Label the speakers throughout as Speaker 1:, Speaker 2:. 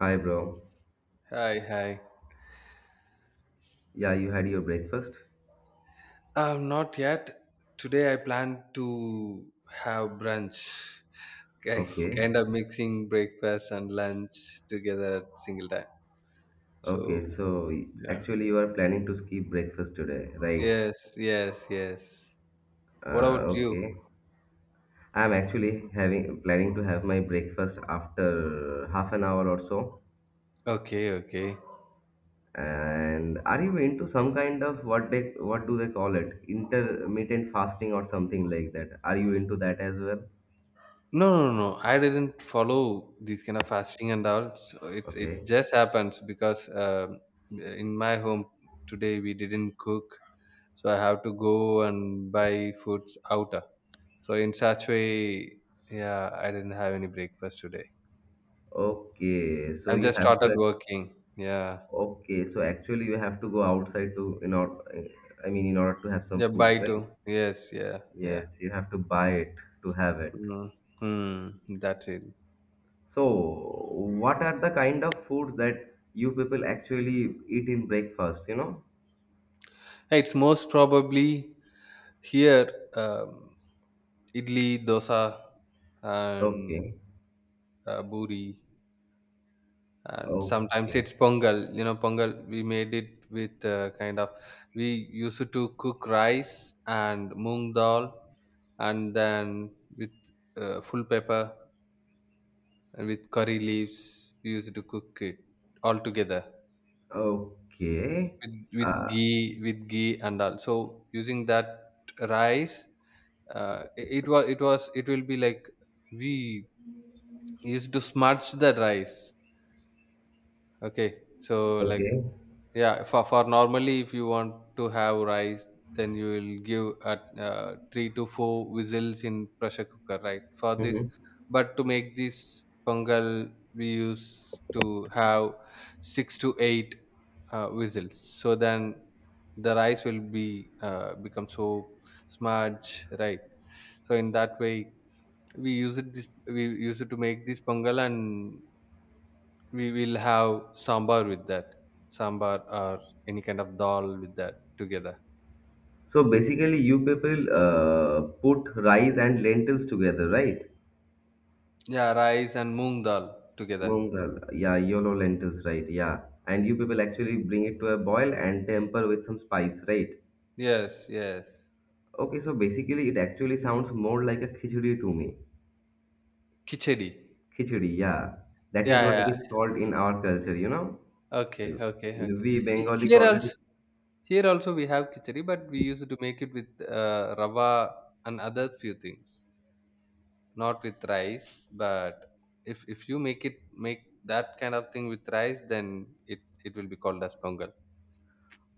Speaker 1: Hi, bro.
Speaker 2: Hi, hi.
Speaker 1: Yeah, you had your breakfast?
Speaker 2: Not yet. Today I plan to have brunch, ki-
Speaker 1: Okay.
Speaker 2: kind of mixing breakfast and lunch together at single time. So,
Speaker 1: Okay, so
Speaker 2: yeah.
Speaker 1: actually, you are planning to skip breakfast today, right?
Speaker 2: Yes, yes, yes. What
Speaker 1: Uh,
Speaker 2: about you?
Speaker 1: okay. I'm actually having planning to have my breakfast after half an hour or so.
Speaker 2: Okay, okay.
Speaker 1: And are you into some kind of what do they call it? Intermittent fasting or something like that. Are you into that as well?
Speaker 2: No, no, no. I didn't follow these kind of fasting and all. So it
Speaker 1: Okay.
Speaker 2: just happens because in my home today we didn't cook, so I have to go and buy foods out. So in such way, yeah, I didn't have any breakfast today.
Speaker 1: Okay. So
Speaker 2: I've
Speaker 1: you
Speaker 2: just
Speaker 1: have
Speaker 2: started
Speaker 1: to
Speaker 2: working, yeah.
Speaker 1: Okay, so actually you have to go outside to in order, I mean, in order to have some
Speaker 2: Yeah,
Speaker 1: food,
Speaker 2: buy too.
Speaker 1: right?
Speaker 2: Yes, yeah, yeah.
Speaker 1: Yes, you have to buy it to have it.
Speaker 2: Mm. Mm, that's it.
Speaker 1: So, what are the kind of foods that you people actually eat in breakfast, you know?
Speaker 2: Hey, it's most probably here, um, idli dosa and
Speaker 1: Okay,
Speaker 2: buri, and sometimes
Speaker 1: okay,
Speaker 2: it's pongal. Pongal we made it with kind of, we used to cook rice and moong dal, and then with full pepper and with curry leaves we used to cook it all together
Speaker 1: okay,
Speaker 2: with
Speaker 1: uh,
Speaker 2: ghee and all. So using that rice, it, it was it was it will be like we used to smudge the rice. Okay, so like,
Speaker 1: okay.
Speaker 2: yeah, for normally, if you want to have rice, then you will give at three to four whistles in pressure cooker, right? For this,
Speaker 1: Hmm.
Speaker 2: but to make this pongal, we used to have six to eight whistles. So then the rice will be become so smudge, right? So in that way, we use it to make this pongal, and we will have sambar with that, sambar or any kind of dal with that together.
Speaker 1: So basically, you people put rice and lentils together, right?
Speaker 2: Yeah, rice and moong dal together.
Speaker 1: Mung dal, yeah, yellow lentils, right? Yeah, and you people actually bring it to a boil and temper with some spice, right?
Speaker 2: Yes, yes.
Speaker 1: Okay, so basically, it actually sounds more like a khichdi to me.
Speaker 2: Khichdi.
Speaker 1: Khichdi, yeah, that is what
Speaker 2: Yeah, yeah.
Speaker 1: it is called in our culture, you know.
Speaker 2: Okay, okay, okay.
Speaker 1: We Bengali
Speaker 2: Here
Speaker 1: call
Speaker 2: also,
Speaker 1: it.
Speaker 2: we have khichdi, but we used to make it with rava and other few things, not with rice. But if you make that kind of thing with rice, then it it will be called as pongal.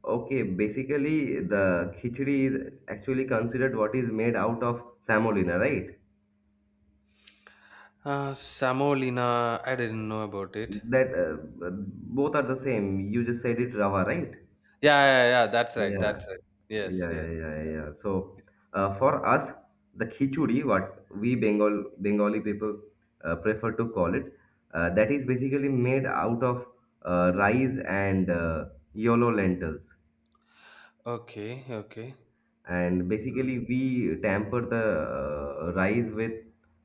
Speaker 1: Okay, basically, the khichdi is actually considered what is made out of samolina, right?
Speaker 2: uh, Samolina, I didn't know about it.
Speaker 1: That Both are the same. You just said it, rava, right?
Speaker 2: Yeah, yeah, yeah. That's right.
Speaker 1: Yeah.
Speaker 2: That's right.
Speaker 1: Yeah,
Speaker 2: Yes,
Speaker 1: yeah,
Speaker 2: yes.
Speaker 1: yeah, yeah, yeah. So for us, the khichdi, what we Bengali people prefer to call it, that is basically made out of rice and yellow lentils.
Speaker 2: Okay, okay.
Speaker 1: And
Speaker 2: Mm,
Speaker 1: basically, we temper the rice with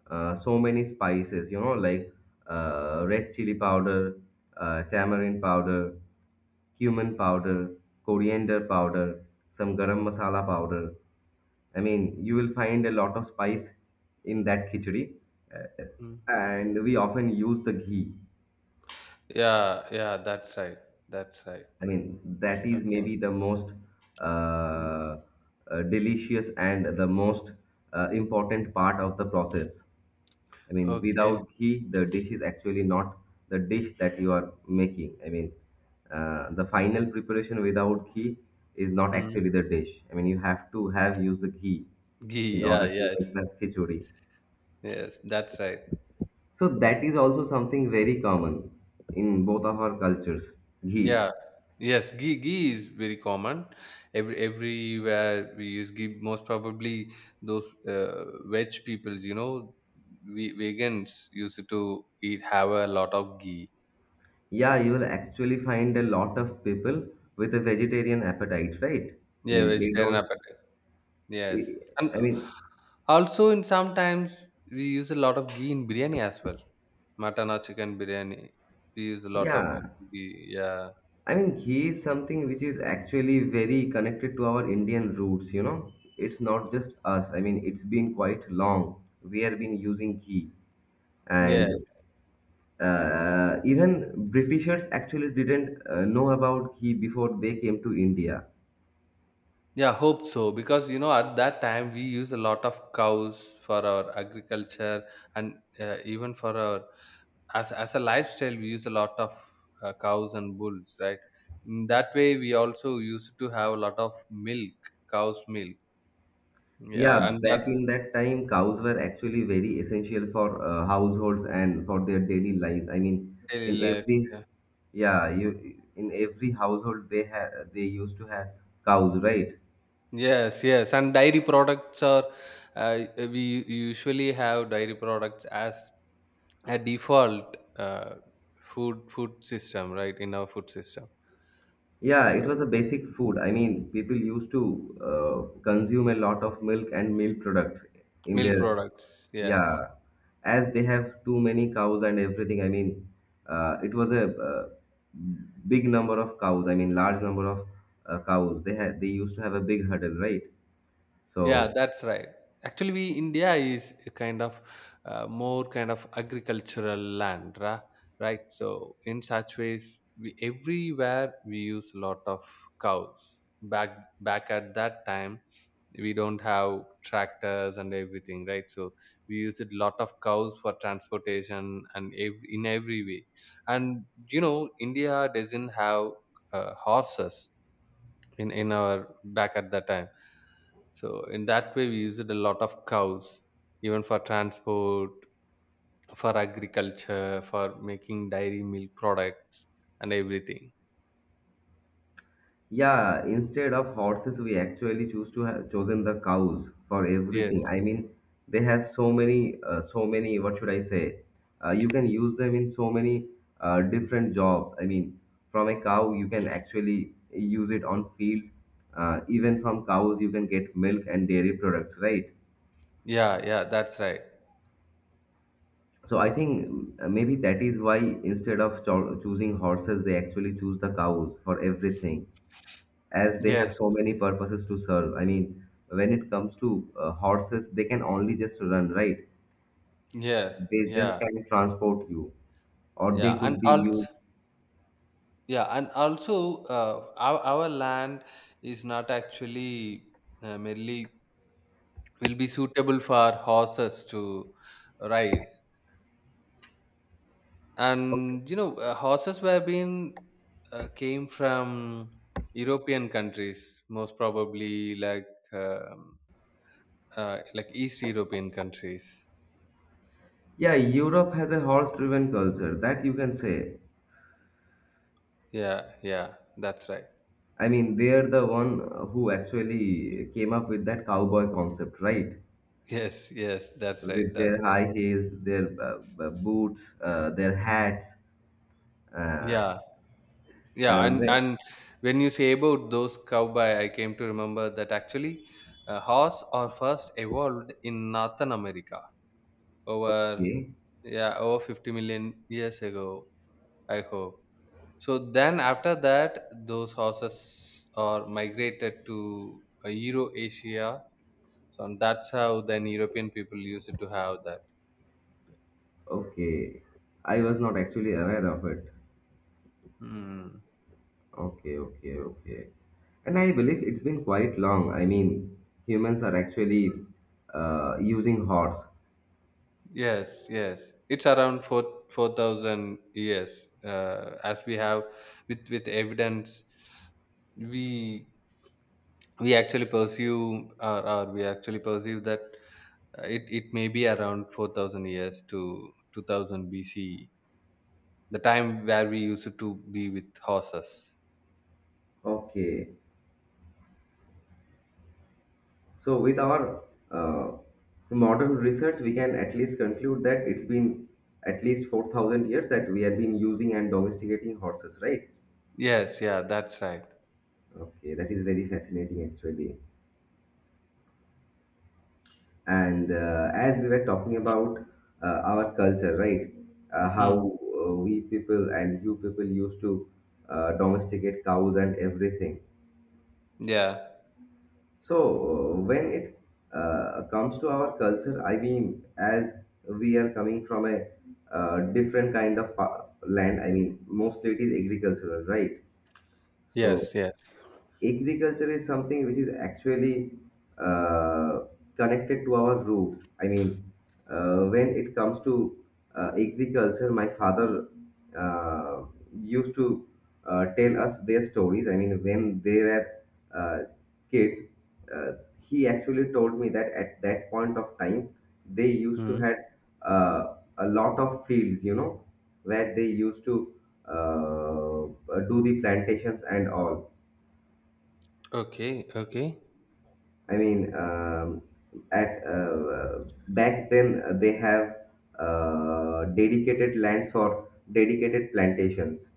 Speaker 1: so many spices, you know, like red chili powder, tamarind powder, cumin powder, coriander powder, some garam masala powder. I mean, you will find a lot of spice in that khichdi, uh,
Speaker 2: mm.
Speaker 1: and we often use the ghee.
Speaker 2: Yeah, yeah. That's right. That's right.
Speaker 1: I mean, that is
Speaker 2: Okay.
Speaker 1: maybe the most
Speaker 2: Mm.
Speaker 1: uh, delicious and the most important part of the process. I mean,
Speaker 2: Okay.
Speaker 1: without ghee, the dish is actually not the dish that you are making. I mean, the final preparation without ghee is not
Speaker 2: Mm.
Speaker 1: actually the dish. I mean, you have to have used the ghee
Speaker 2: Ghee.
Speaker 1: in
Speaker 2: Yeah.
Speaker 1: order to
Speaker 2: Yes.
Speaker 1: make the khichdi.
Speaker 2: Yes. That's right.
Speaker 1: So that is also something very common in both of our cultures. Ghee.
Speaker 2: Yeah. Yes. Ghee. Ghee is very common. Everywhere we use ghee. Most probably those veg peoples. You know, we vegans used to eat have a lot of ghee.
Speaker 1: Yeah, you will actually find a lot of people with a vegetarian appetite, right? I
Speaker 2: Yeah,
Speaker 1: mean, they
Speaker 2: vegetarian
Speaker 1: don't.
Speaker 2: appetite. Yes. And
Speaker 1: I mean,
Speaker 2: also in sometimes we use a lot of ghee in biryani as well. Mutton or chicken biryani. We use a lot of
Speaker 1: yeah,
Speaker 2: ghee. Yeah.
Speaker 1: I mean, ghee is something which is actually very connected to our Indian roots, you know. It's not just us. I mean, it's been quite long. We have been using ghee.
Speaker 2: Yes.
Speaker 1: And even Britishers actually didn't know about ghee before they came to India.
Speaker 2: Yeah, hope so. Because you know, at that time we use a lot of cows for our agriculture and even for our as a lifestyle, we use a lot of cows and bulls, right? In that way, we also used to have a lot of milk, cow's milk. Yeah,
Speaker 1: Yeah,
Speaker 2: and
Speaker 1: back
Speaker 2: that
Speaker 1: in that time, cows were actually very essential for households and for their daily lives. I mean,
Speaker 2: daily
Speaker 1: in
Speaker 2: life.
Speaker 1: every
Speaker 2: Yeah.
Speaker 1: yeah, you in every household they used to have cows, right?
Speaker 2: Yes, yes, and dairy products are, we usually have dairy products as a default food system, right? In our food system,
Speaker 1: Yeah,
Speaker 2: so
Speaker 1: it was a basic food. I mean, people used to consume a lot of milk and milk products in
Speaker 2: milk
Speaker 1: their,
Speaker 2: products. Yes,
Speaker 1: yeah, as they have too many cows and everything. I mean, it was a big number of cows. I mean, large number of cows. They used to have a big hurdle, right?
Speaker 2: yeah,
Speaker 1: So
Speaker 2: that's right. Actually, we India is a kind of more kind of agricultural land, right? So in such ways, we everywhere we use a lot of cows. Back at that time we don't have tractors and everything, right? So we used a lot of cows for transportation and in every way. And India doesn't have horses in our back at that time. So in that way we used a lot of cows, even for transport, for agriculture, for making dairy milk products and everything.
Speaker 1: yeah, instead of horses, we actually choose to have chosen the cows for everything.
Speaker 2: Yes.
Speaker 1: I mean, they have so many, so many. What should I say? You can use them in so many different jobs. I mean, from a cow, you can actually use it on fields. Even from cows, you can get milk and dairy products, right?
Speaker 2: Yeah, yeah, that's right.
Speaker 1: So I think maybe that is why instead of choosing horses, they actually choose the cows for everything, as they have
Speaker 2: Yes,
Speaker 1: so many purposes to serve. I mean, when it comes to horses, they can only just run, right?
Speaker 2: yes.
Speaker 1: They just
Speaker 2: Yeah,
Speaker 1: can transport you, or
Speaker 2: yeah,
Speaker 1: they
Speaker 2: and
Speaker 1: could be
Speaker 2: also.
Speaker 1: used.
Speaker 2: Yeah, and also our land is not actually merely will be suitable for horses to rise. And horses were being came from European countries, most probably um, like East European countries.
Speaker 1: Yeah, Europe has a horse-driven culture that you can say.
Speaker 2: Yeah, yeah, that's right.
Speaker 1: I mean, they're the one who actually came up with that cowboy concept, right?
Speaker 2: Yes, yes, that's right.
Speaker 1: With
Speaker 2: That's
Speaker 1: their
Speaker 2: right.
Speaker 1: high heels, their boots, their hats. Uh,
Speaker 2: Yeah. Yeah,
Speaker 1: uh,
Speaker 2: and
Speaker 1: where-
Speaker 2: and when you say about those cowboy, I came to remember that actually horse are first evolved in Northern America over,
Speaker 1: okay,
Speaker 2: yeah, over 50 million years ago. I hope so. Then after that, those horses are migrated to Euro Asia. So and that's how then European people used to have that.
Speaker 1: okay. I was not actually aware of it.
Speaker 2: Hmm.
Speaker 1: Okay, okay, okay. And I believe it's been quite long. I mean, humans are actually using horse.
Speaker 2: Yes, yes. It's around four thousand years. As we have with evidence, we we actually pursue, or we actually perceive that it may be around 4000 years to 2000 B.C., the time where we used to be with horses.
Speaker 1: Okay. So, with our uh, modern research, we can at least conclude that it's been at least 4,000 years that we have been using and domesticating horses, right?
Speaker 2: Yes, yeah, that's right.
Speaker 1: Okay, that is very fascinating actually. And as we were talking about our culture, right, how
Speaker 2: Hmm.
Speaker 1: we people and you people used to domesticate cows and everything.
Speaker 2: Yeah.
Speaker 1: So when it comes to our culture, I mean, as we are coming from a different kind of land, I mean mostly it is agricultural, right? So
Speaker 2: Yes. Yes.
Speaker 1: agriculture is something which is actually uh, connected to our roots. I mean, when it comes to agriculture, my father uh, used to tell us their stories. I mean, when they were uh, kids, uh, he actually told me that at that point of time, they used to
Speaker 2: Hmm.
Speaker 1: had a lot of fields, you know, where they used to do the plantations and all.
Speaker 2: Okay. Okay.
Speaker 1: I mean, at back then they have dedicated lands for dedicated plantations.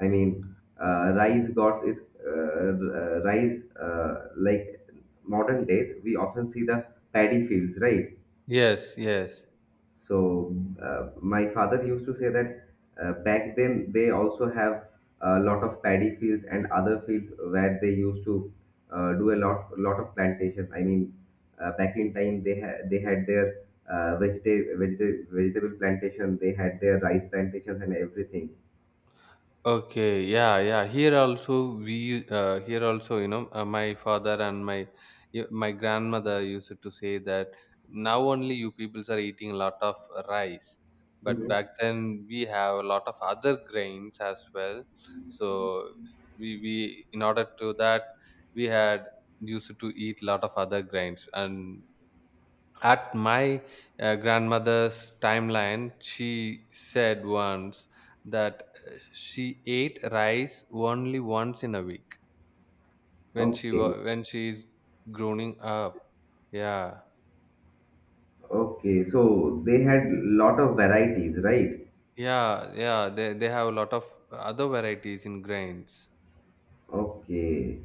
Speaker 1: I mean, rice gods is r- rice like modern days. We often see the paddy fields, right?
Speaker 2: Yes. Yes.
Speaker 1: So my father used to say that back then they also have a lot of paddy fields and other fields where they used to do a lot lot of plantations. I mean, back in time they had their vegetable plantation, they had their rice plantations and everything.
Speaker 2: Okay, yeah, yeah. Here also we here also you know my father and my grandmother used to say that now only you peoples are eating a lot of rice, but
Speaker 1: Mhm.
Speaker 2: back then we have a lot of other grains as well. So we in order to that we had used to eat a lot of other grains, and at my grandmother's timeline, she said once that she ate rice only once in a week
Speaker 1: Okay,
Speaker 2: when she is growing up. Yeah,
Speaker 1: okay. So they had lot of varieties, right?
Speaker 2: yeah, yeah. They have a lot of other varieties in grains.
Speaker 1: Okay.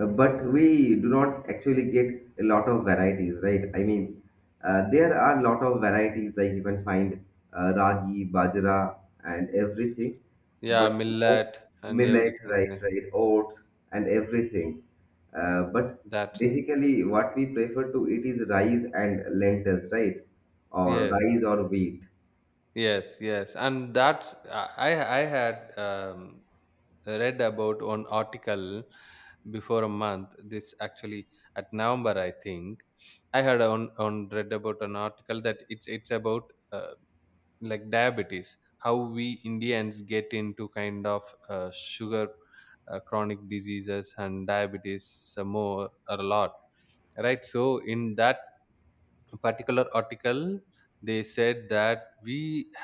Speaker 1: But we do not actually get a lot of varieties, right? I mean, there are a lot of varieties like you can find ragi, bajra, and everything,
Speaker 2: Yeah,
Speaker 1: but no
Speaker 2: millet and
Speaker 1: millet,
Speaker 2: everything.
Speaker 1: right,
Speaker 2: Yeah.
Speaker 1: right, oats, and everything. But
Speaker 2: That
Speaker 1: basically, what we prefer to eat is rice and lentils, right, or
Speaker 2: Yes,
Speaker 1: rice or wheat.
Speaker 2: yes, yes. And that's I had read about one article before a month, this actually at November, I think. I had on read about an article that it's about uh, like diabetes, how we Indians get into kind of sugar, chronic diseases and diabetes, some more or a lot, right? So in that particular article, they said that we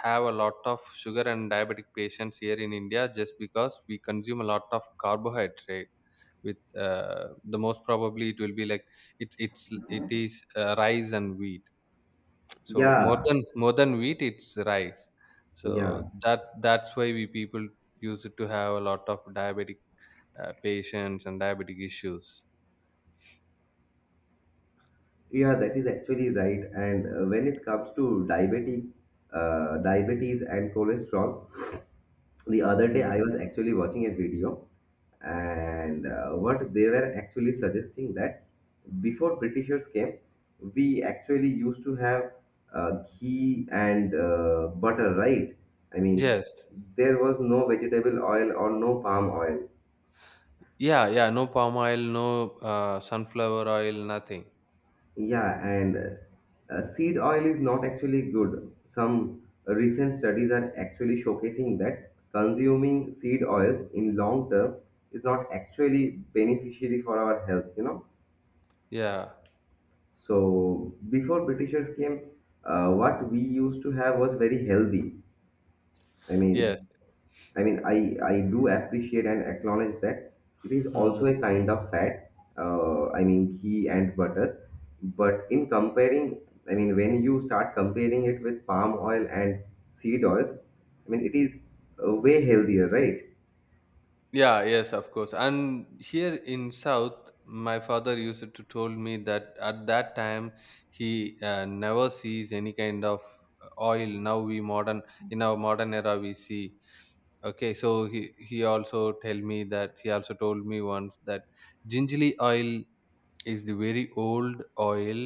Speaker 2: have a lot of sugar and diabetic patients here in India just because we consume a lot of carbohydrate with the most probably it will be like it is rice and wheat. So more
Speaker 1: Yeah,
Speaker 2: than more than wheat, it's rice. So
Speaker 1: yeah.
Speaker 2: that's why we people use it to have a lot of diabetic patients and diabetic issues.
Speaker 1: Yeah, that is actually right. And when it comes to diabetic, diabetes and cholesterol, the other day I
Speaker 2: Mm.
Speaker 1: was actually watching a video, and what they were actually suggesting that before Britishers came, we actually used to have uh, ghee and butter, right? I mean,
Speaker 2: Yes.
Speaker 1: there was no vegetable oil or no palm oil.
Speaker 2: Yeah, yeah, no palm oil, no sunflower oil, nothing.
Speaker 1: Yeah, and seed oil is not actually good. Some recent studies are actually showcasing that consuming seed oils in long term is not actually beneficiary for our health, you know.
Speaker 2: Yeah,
Speaker 1: So before Britishers came, what we used to have was very healthy. I
Speaker 2: yes.
Speaker 1: mean, I mean, I do appreciate and acknowledge that it is also
Speaker 2: Hmm.
Speaker 1: a kind of fat, I mean, ghee and butter. But in comparing, I mean, when you start comparing it with palm oil and seed oils, I mean, it is way healthier, right?
Speaker 2: Yeah, yes, of course. And here in South, my father used to told me that at that time he never sees any kind of oil. Now we modern in our modern era we see. Okay, so he also told me once that gingerly oil is the very old oil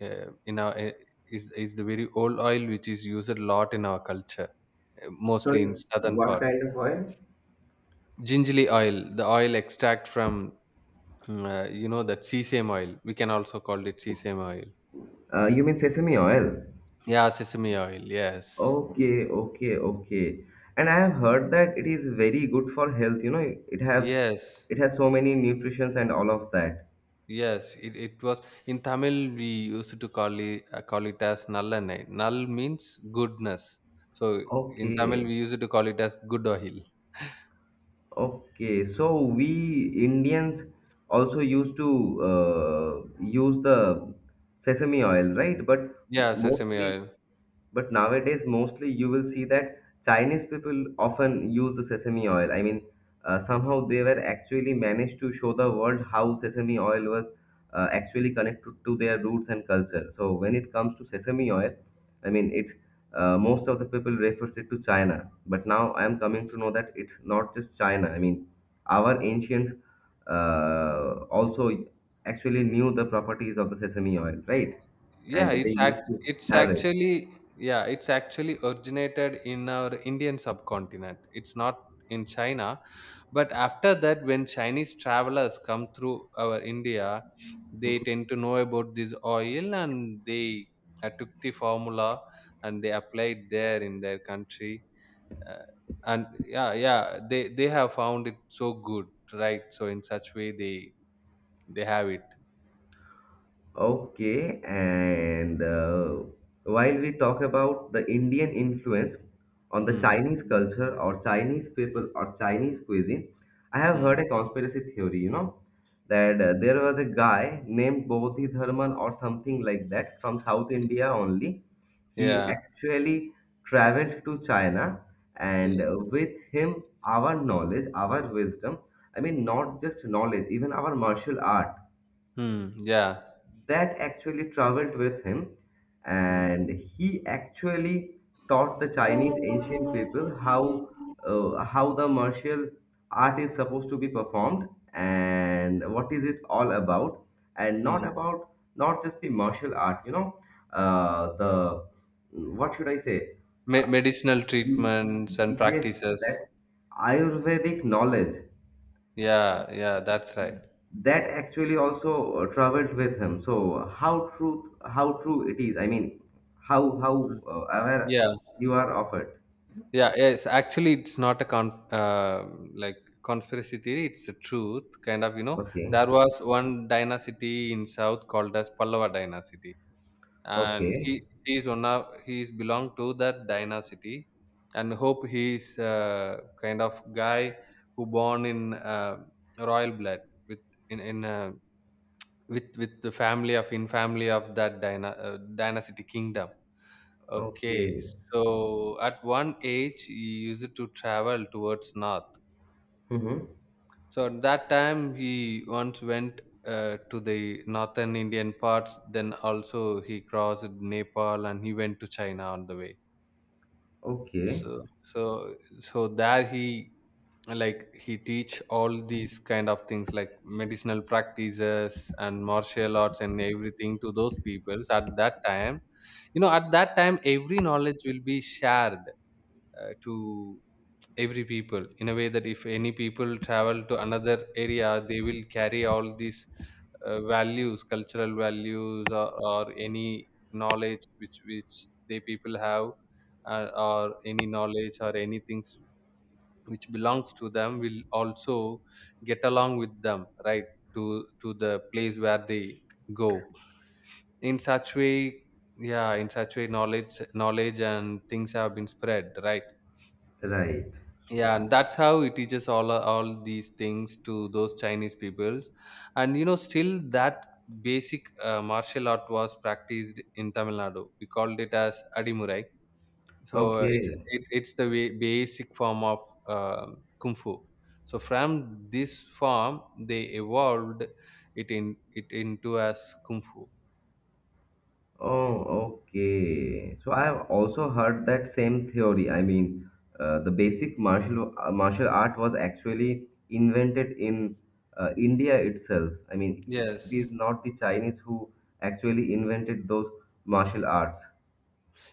Speaker 2: in our eh, is the very old oil which is used a lot in our culture, mostly
Speaker 1: Sorry,
Speaker 2: in southern
Speaker 1: what
Speaker 2: part.
Speaker 1: kind of oil?
Speaker 2: Gingerly oil, the oil extract from you know, that sesame oil. We can also call it sesame oil.
Speaker 1: You mean sesame oil?
Speaker 2: Yeah, sesame oil. Yes,
Speaker 1: Okay, okay, okay. And I have heard that it is very good for health, you know, it have
Speaker 2: yes,
Speaker 1: it has so many nutrients and all of that.
Speaker 2: yes. It was in Tamil we used to call it as nallanai. Null means goodness. So in Tamil
Speaker 1: Okay,
Speaker 2: we used to call it as good oil.
Speaker 1: okay, so we Indians also used to use the sesame oil, right? But
Speaker 2: Yeah, sesame
Speaker 1: mostly,
Speaker 2: oil.
Speaker 1: but nowadays, mostly you will see that Chinese people often use the sesame oil. I mean, somehow they were actually managed to show the world how sesame oil was actually connected to their roots and culture. So when it comes to sesame oil, I mean, it's most of the people refers it to China. But now I am coming to know that it's not just China. I mean, our ancients also actually knew the properties of the sesame oil, right?
Speaker 2: Yeah,
Speaker 1: And they
Speaker 2: it's act
Speaker 1: used to
Speaker 2: it's
Speaker 1: have it.
Speaker 2: actually yeah, it's actually originated in our Indian subcontinent. It's not in China, but after that, when Chinese travelers come through our India, they tend to know about this oil and they took the formula and they applied there in their country. Uh, and yeah, yeah, they have found it so good, right? So in such way, they have it.
Speaker 1: Okay, and while we talk about the Indian influence on the
Speaker 2: Hmm.
Speaker 1: Chinese culture or Chinese people or Chinese cuisine, I have
Speaker 2: Hmm.
Speaker 1: heard a conspiracy theory, you know, that there was a guy named Bodhi Dharman or something like that from South India only. He
Speaker 2: Yeah.
Speaker 1: actually traveled to China, and
Speaker 2: Yeah.
Speaker 1: with him, our knowledge, our wisdom, I mean, not just knowledge, even our martial art
Speaker 2: Hmm. Yeah.
Speaker 1: that actually traveled with him
Speaker 2: Hmm.
Speaker 1: and he actually taught the Chinese ancient people
Speaker 2: Hmm.
Speaker 1: how the martial art is supposed to be performed and what is it all about and not about not just the martial art, you know, the what should I say
Speaker 2: Medicinal
Speaker 1: Mm,
Speaker 2: treatments and
Speaker 1: yes
Speaker 2: practices.
Speaker 1: that ayurvedic knowledge
Speaker 2: Yeah, yeah, that's right.
Speaker 1: that actually also traveled with him. So how truth how true it is, I mean, how
Speaker 2: Mm.
Speaker 1: aware
Speaker 2: Yeah,
Speaker 1: you are of it.
Speaker 2: yeah, yes. Actually, it's not a like conspiracy theory. It's the truth, kind of. You know,
Speaker 1: Okay,
Speaker 2: there was one dynasty in south called as Pallava dynasty, and he
Speaker 1: okay,
Speaker 2: he is one of he is belonged to that dynasty, and hope he is kind of guy who born in royal blood with in in uh, with the family of that dynasty kingdom. Okay.
Speaker 1: okay.
Speaker 2: So at one age he used to travel towards north.
Speaker 1: Mm-hmm.
Speaker 2: So at that time he once went to the northern Indian parts. Then also he crossed Nepal and he went to China on the way. so
Speaker 1: Okay,
Speaker 2: so so there, he like he teach all these kind of things like medicinal practices and martial arts and everything to those peoples at that time. You know, at that time every knowledge will be shared to every people, in a way that if any people travel to another area, they will carry all these values cultural values or any knowledge which they people have, or any knowledge or any things which belongs to them will also get along with them, right, to the place where they go. In such way, yeah, in such way knowledge and things have been spread, right?
Speaker 1: right,
Speaker 2: Yeah, and that's how he teaches all these things to those Chinese peoples. And still that basic martial art was practiced in Tamil Nadu. We called it as adimurai. So it's
Speaker 1: okay.
Speaker 2: it's the way, basic form of uh, kung fu. So from this form they evolved it in it into as kung fu.
Speaker 1: Oh, okay. So I have also heard that same theory. I mean, the basic martial art was actually invented in India itself. I mean, it is
Speaker 2: Yes.
Speaker 1: not the Chinese who actually invented those martial arts.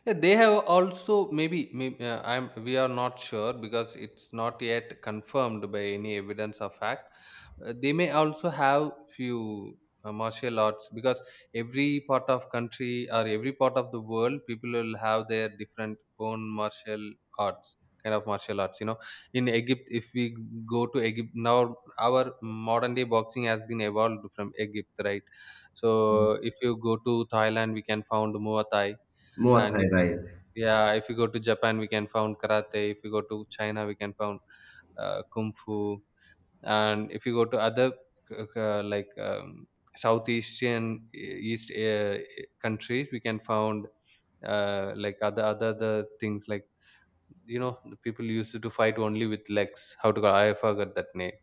Speaker 2: Yeah, they have also maybe I'm we are not sure, because it's not yet confirmed by any evidence or fact. They may also have few martial arts, because every part of country or every part of the world people will have their different own martial arts, kind of martial arts. In egypt If we go to Egypt now, our modern day boxing has been evolved from Egypt, right? So if you go to Thailand, we can found muay thai.
Speaker 1: Muay
Speaker 2: and
Speaker 1: Thai,
Speaker 2: if you
Speaker 1: right?
Speaker 2: yeah, if you go to Japan, we can found karate. If you go to China, we can found kung fu. And if you go to other like, South Asian East countries, we can found like other things, like. The people used to fight only with legs. How to call, I forgot that name.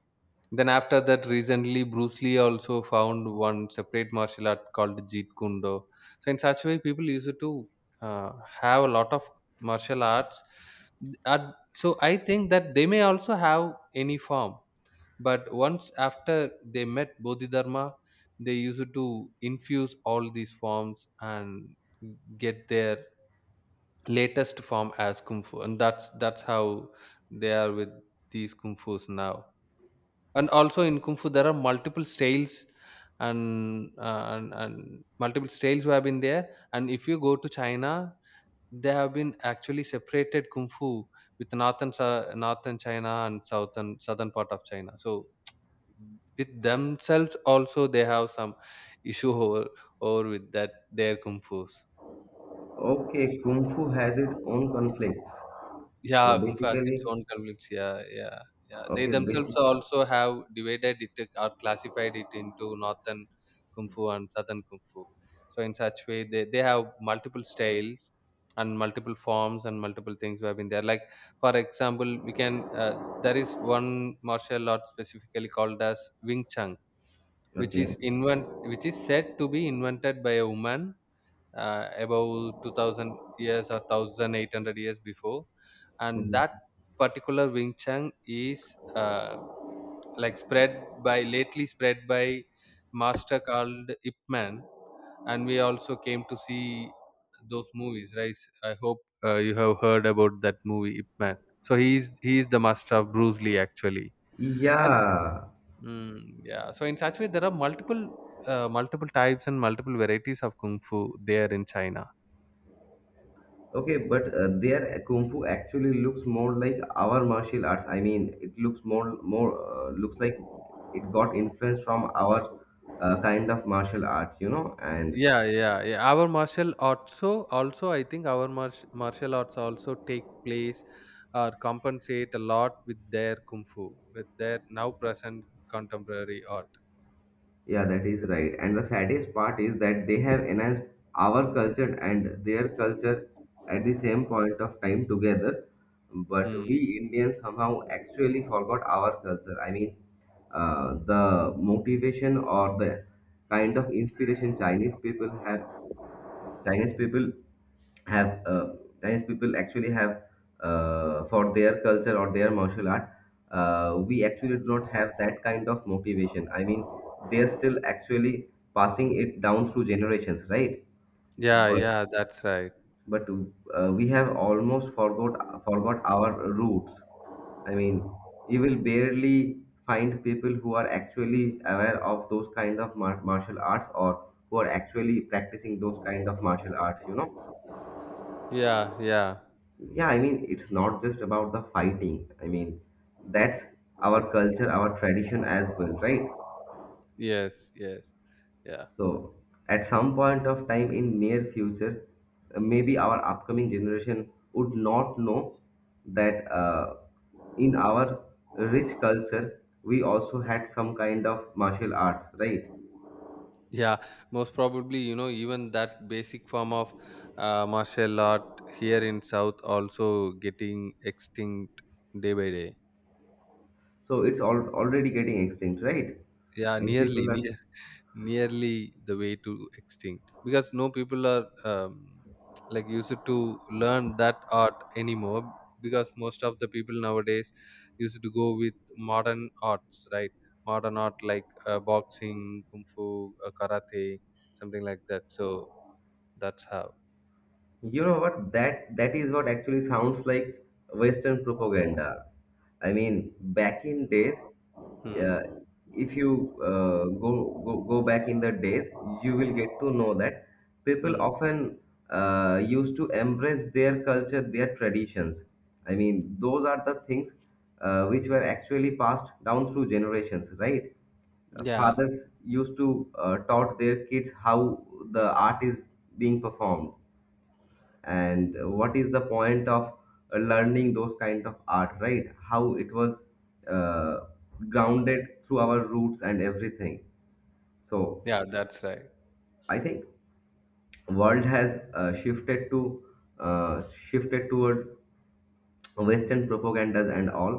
Speaker 2: Then after that, recently Bruce Lee also found one separate martial art called Jeet Kune Do. So in such way, people used to uh, have a lot of martial arts. So I think that they may also have any form, but once after they met Bodhidharma, they used to infuse all these forms and get their latest form as kung fu, and that's how they are with these kung fu's now. And also in kung fu, there are multiple styles, and and multiple styles who have been there. And if you go to China, they have been actually separated kung fu with northern northern China and southern part of China. So with themselves also they have some issue over or with that their kung fu.
Speaker 1: Okay, Kung Fu has its own conflicts. So
Speaker 2: Yeah, Kumbh has its
Speaker 1: basically,
Speaker 2: own conflicts. Yeah, yeah, yeah. They
Speaker 1: okay,
Speaker 2: themselves
Speaker 1: basic,
Speaker 2: also have divided it or classified it into northern kung fu and southern kung fu. So in such way, they have multiple styles and multiple forms and multiple things have been there. Like, for example, we can there is one martial art specifically called as Wing Chun, which is
Speaker 1: okay.
Speaker 2: invent which is said to be invented by a woman about 2000 years or 1800 years before. And that
Speaker 1: Mhm.
Speaker 2: particular Wing Chun is like, spread by lately spread by master called Ip Man. And we also came to see those movies, right? I hope you have heard about that movie Ip Man. So he is the master of Bruce Lee, actually. And
Speaker 1: Yeah,
Speaker 2: mm, yeah, so in such way there are multiple types and multiple varieties of kung fu there in China.
Speaker 1: okay, but their kung fu actually looks more like our martial arts. I mean, it looks more looks like it got influence from our kind of martial arts. And
Speaker 2: Yeah, yeah, yeah. Our martial also, I think our martial arts also take place or compensate a lot with their kung fu, with their now present contemporary art.
Speaker 1: yeah, that is right. And the saddest part is that they have enhanced our culture and their culture at the same point of time together. But
Speaker 2: Hmm.
Speaker 1: we Indians somehow actually forgot our culture. I mean, the motivation or the kind of inspiration Chinese people have uh, Chinese people actually have for their culture or their martial art. We actually do not have that kind of motivation. I mean, they're still actually passing it down through generations, right?
Speaker 2: Yeah,
Speaker 1: But
Speaker 2: yeah, that's right.
Speaker 1: but we have almost forgot our roots. I mean, you will barely find people who are actually aware of those kind of martial arts or who are actually practicing those kind of martial arts, you know.
Speaker 2: Yeah, yeah.
Speaker 1: Yeah, I mean, it's not just about the fighting. I mean, that's our culture, our tradition as well, right?
Speaker 2: Yes, yes. Yeah.
Speaker 1: So, at some point of time in near future, maybe our upcoming generation would not know that in our rich culture, we also had some kind of martial arts, right?
Speaker 2: Yeah, most probably, even that basic form of martial art here in South also getting extinct day by day.
Speaker 1: So it's all already getting extinct, right?
Speaker 2: Yeah,
Speaker 1: And
Speaker 2: nearly,
Speaker 1: people are—
Speaker 2: near, nearly the way to extinct, because no people are like, used to learn that art anymore, because most of the people nowadays used to go with modern arts, right? Modern art like boxing, kung fu, karate, something like that. So that's how.
Speaker 1: you know what? That is what actually sounds like Western propaganda. I mean, back in days,
Speaker 2: Hmm.
Speaker 1: uh, if you go back in the days, you will get to know that people
Speaker 2: Hmm.
Speaker 1: often used to embrace their culture, their traditions. I mean, those are the things which were actually passed down through generations, right? uh,
Speaker 2: Yeah,
Speaker 1: fathers used to taught their kids how the art is being performed and what is the point of learning those kind of art, right? How it was uh, grounded through our roots and everything. So
Speaker 2: yeah, that's right.
Speaker 1: I think world has shifted towards western propagandas and all.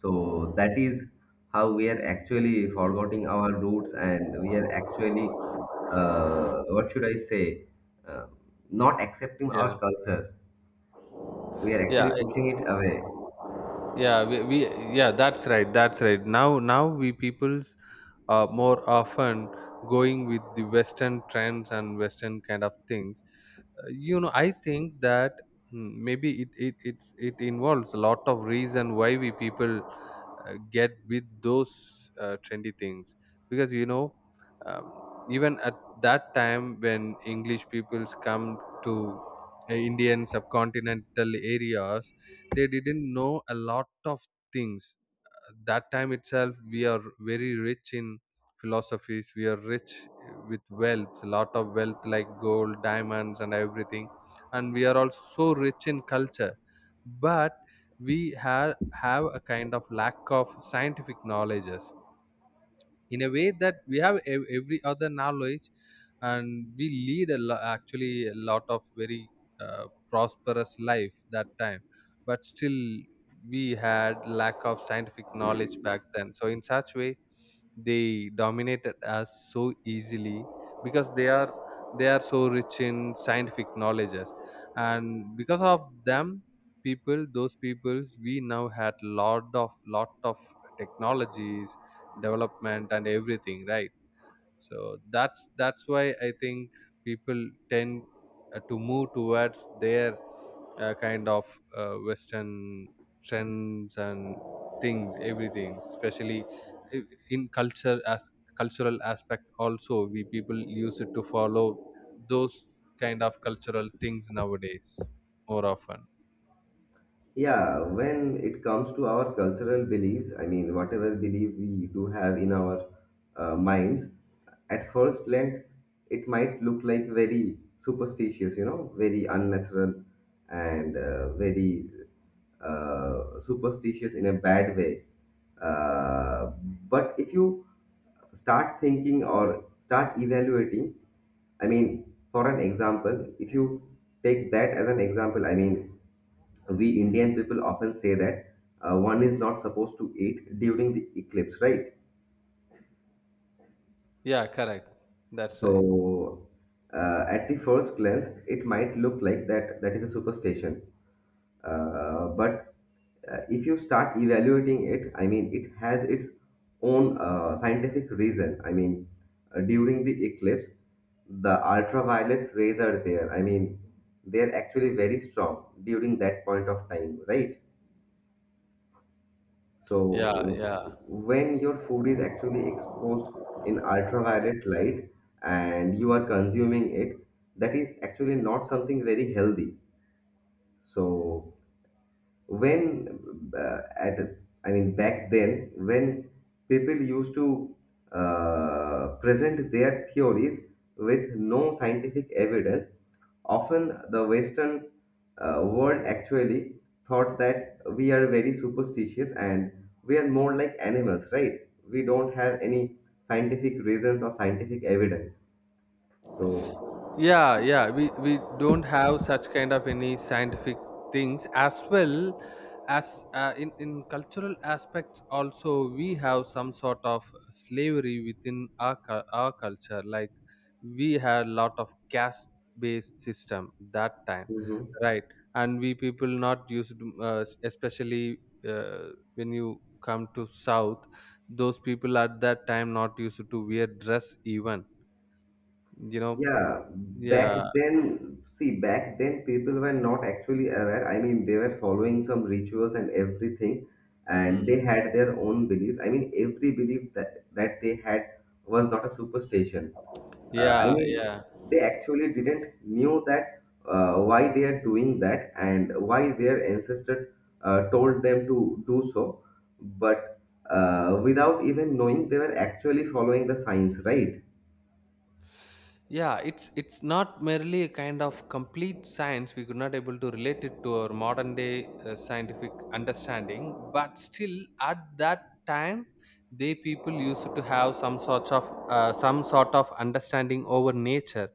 Speaker 1: So that is how we are actually forgetting our roots, and we are actually— what should I say uh, not accepting
Speaker 2: Yeah,
Speaker 1: our culture. We are
Speaker 2: yeah,
Speaker 1: actually pushing it away.
Speaker 2: yeah. We Yeah, that's right, that's right. Now we peoples more often going with the western trends and western kind of things. I think that, maybe it involves a lot of reason why we people get with those trendy things. Because um, even at that time when English peoples come to Indian subcontinental areas, they didn't know a lot of things. That time itself, we are very rich in philosophies. We are rich with wealth, a lot of wealth, like gold, diamonds, and everything. And we are also rich in culture. But we have a kind of lack of scientific knowledges, in a way that we have every other knowledge, and we lead actually a lot of very prosperous life that time. But still we had lack of scientific knowledge back then. So in such way, they dominated us so easily, because they are so rich in scientific knowledges. And because of them, people those peoples, we now had lot of technologies, development, and everything, right? So that's why I think people tend to move towards their kind of western trends and things, everything, especially i- in culture. As cultural aspect also, we people use it to follow those kind of cultural things nowadays more often.
Speaker 1: Yeah, when it comes to our cultural beliefs, I mean, whatever belief we do have in our minds, at first glance, it might look like very superstitious, you know, very unnatural and very superstitious in a bad way. Uh, but if you start thinking or start evaluating, I mean, for an example, if you take that as an example, I mean, we Indian people often say that one is not supposed to eat during the eclipse, right?
Speaker 2: Yeah, correct. That's right.
Speaker 1: So at the first glance, it might look like that that is a superstition. But if you start evaluating it, I mean, it has its own scientific reason. I mean, during the eclipse, the ultraviolet rays are there. I mean, they are actually very strong during that point of time, right?
Speaker 2: Yeah,
Speaker 1: So
Speaker 2: yeah,
Speaker 1: when your food is actually exposed in ultraviolet light and you are consuming it, that is actually not something very healthy. So when at I mean back then when people used to present their theories with no scientific evidence, often the western world actually thought that we are very superstitious and we are more like animals, right? We don't have any scientific reasons or scientific evidence. So
Speaker 2: yeah. Yeah, we don't have such kind of any scientific things as well, as in cultural aspects also, we have some sort of slavery within our our culture, like, we had a lot of caste based system that time,
Speaker 1: mhm.
Speaker 2: right? And we people not used especially uh, when you come to south, those people at that time not used to wear dress even you know
Speaker 1: Yeah, back
Speaker 2: yeah.
Speaker 1: then, see, back then people were not actually aware. I mean, they were following some rituals and everything, and
Speaker 2: Hmm.
Speaker 1: they had their own beliefs. I mean, every belief that they had was not a superstition. I
Speaker 2: Yeah,
Speaker 1: mean,
Speaker 2: yeah,
Speaker 1: they actually didn't knew that why they are doing that and why their ancestor told them to do so. But without even knowing, they were actually following the signs, right?
Speaker 2: yeah, it's not merely a kind of complete science, we could not able to relate it to our modern day scientific understanding, but still at that time they people used to have some sort of understanding over nature.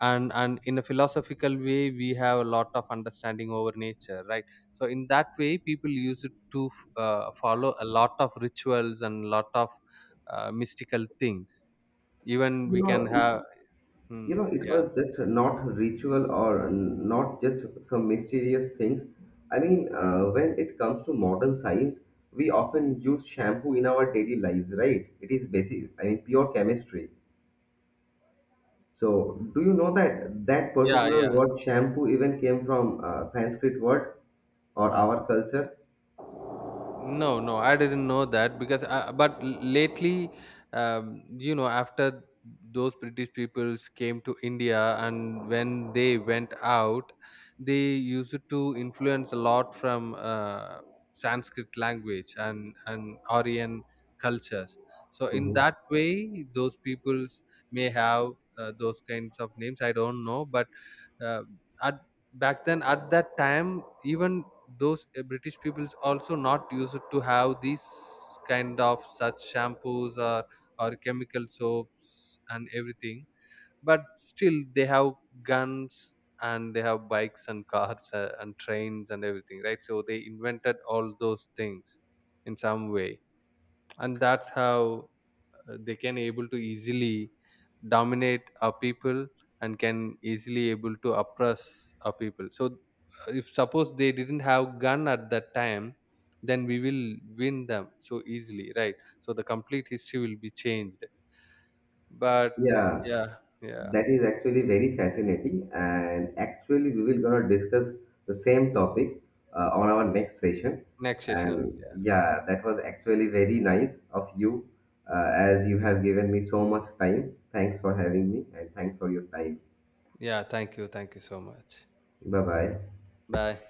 Speaker 2: And in a philosophical way, we have a lot of understanding over nature, right? So in that way, people used to follow a lot of rituals and lot of mystical things, even
Speaker 1: You
Speaker 2: we can
Speaker 1: know, it
Speaker 2: have.
Speaker 1: You
Speaker 2: Hmm,
Speaker 1: know, it
Speaker 2: yeah.
Speaker 1: was just not ritual or not just some mysterious things. I mean, when it comes to modern science, we often use shampoo in our daily lives, right? It is basic, I mean, pure chemistry. So, do you know that that
Speaker 2: Yeah,
Speaker 1: particular
Speaker 2: yeah.
Speaker 1: word shampoo even came from Sanskrit word or
Speaker 2: Hmm.
Speaker 1: our culture?
Speaker 2: No, no, I didn't know that, but lately, after those British peoples came to India and when they went out, they used to influence a lot from Sanskrit language and Aryan cultures. So in
Speaker 1: Mhm.
Speaker 2: that way, those peoples may have those kinds of names. I don't know, but uh, at back then at that time, even those British peoples also not used to have these kind of such shampoos or chemical soaps and everything. But still they have guns, and they have bikes and cars and trains and everything, right? So they invented all those things in some way, and that's how they can able to easily dominate a people and can easily able to oppress a people. So if suppose they didn't have gun at that time, then we will win them so easily, right? So the complete history will be changed, but.
Speaker 1: Yeah,
Speaker 2: Yeah, yeah.
Speaker 1: that is actually very fascinating, and actually we will gonna discuss the same topic on our next session.
Speaker 2: Next session,
Speaker 1: And
Speaker 2: yeah.
Speaker 1: yeah, that was actually very nice of you, as you have given me so much time. Thanks for having me, and thanks for your time.
Speaker 2: Yeah, thank you, thank you so much.
Speaker 1: Bye bye.
Speaker 2: Bye.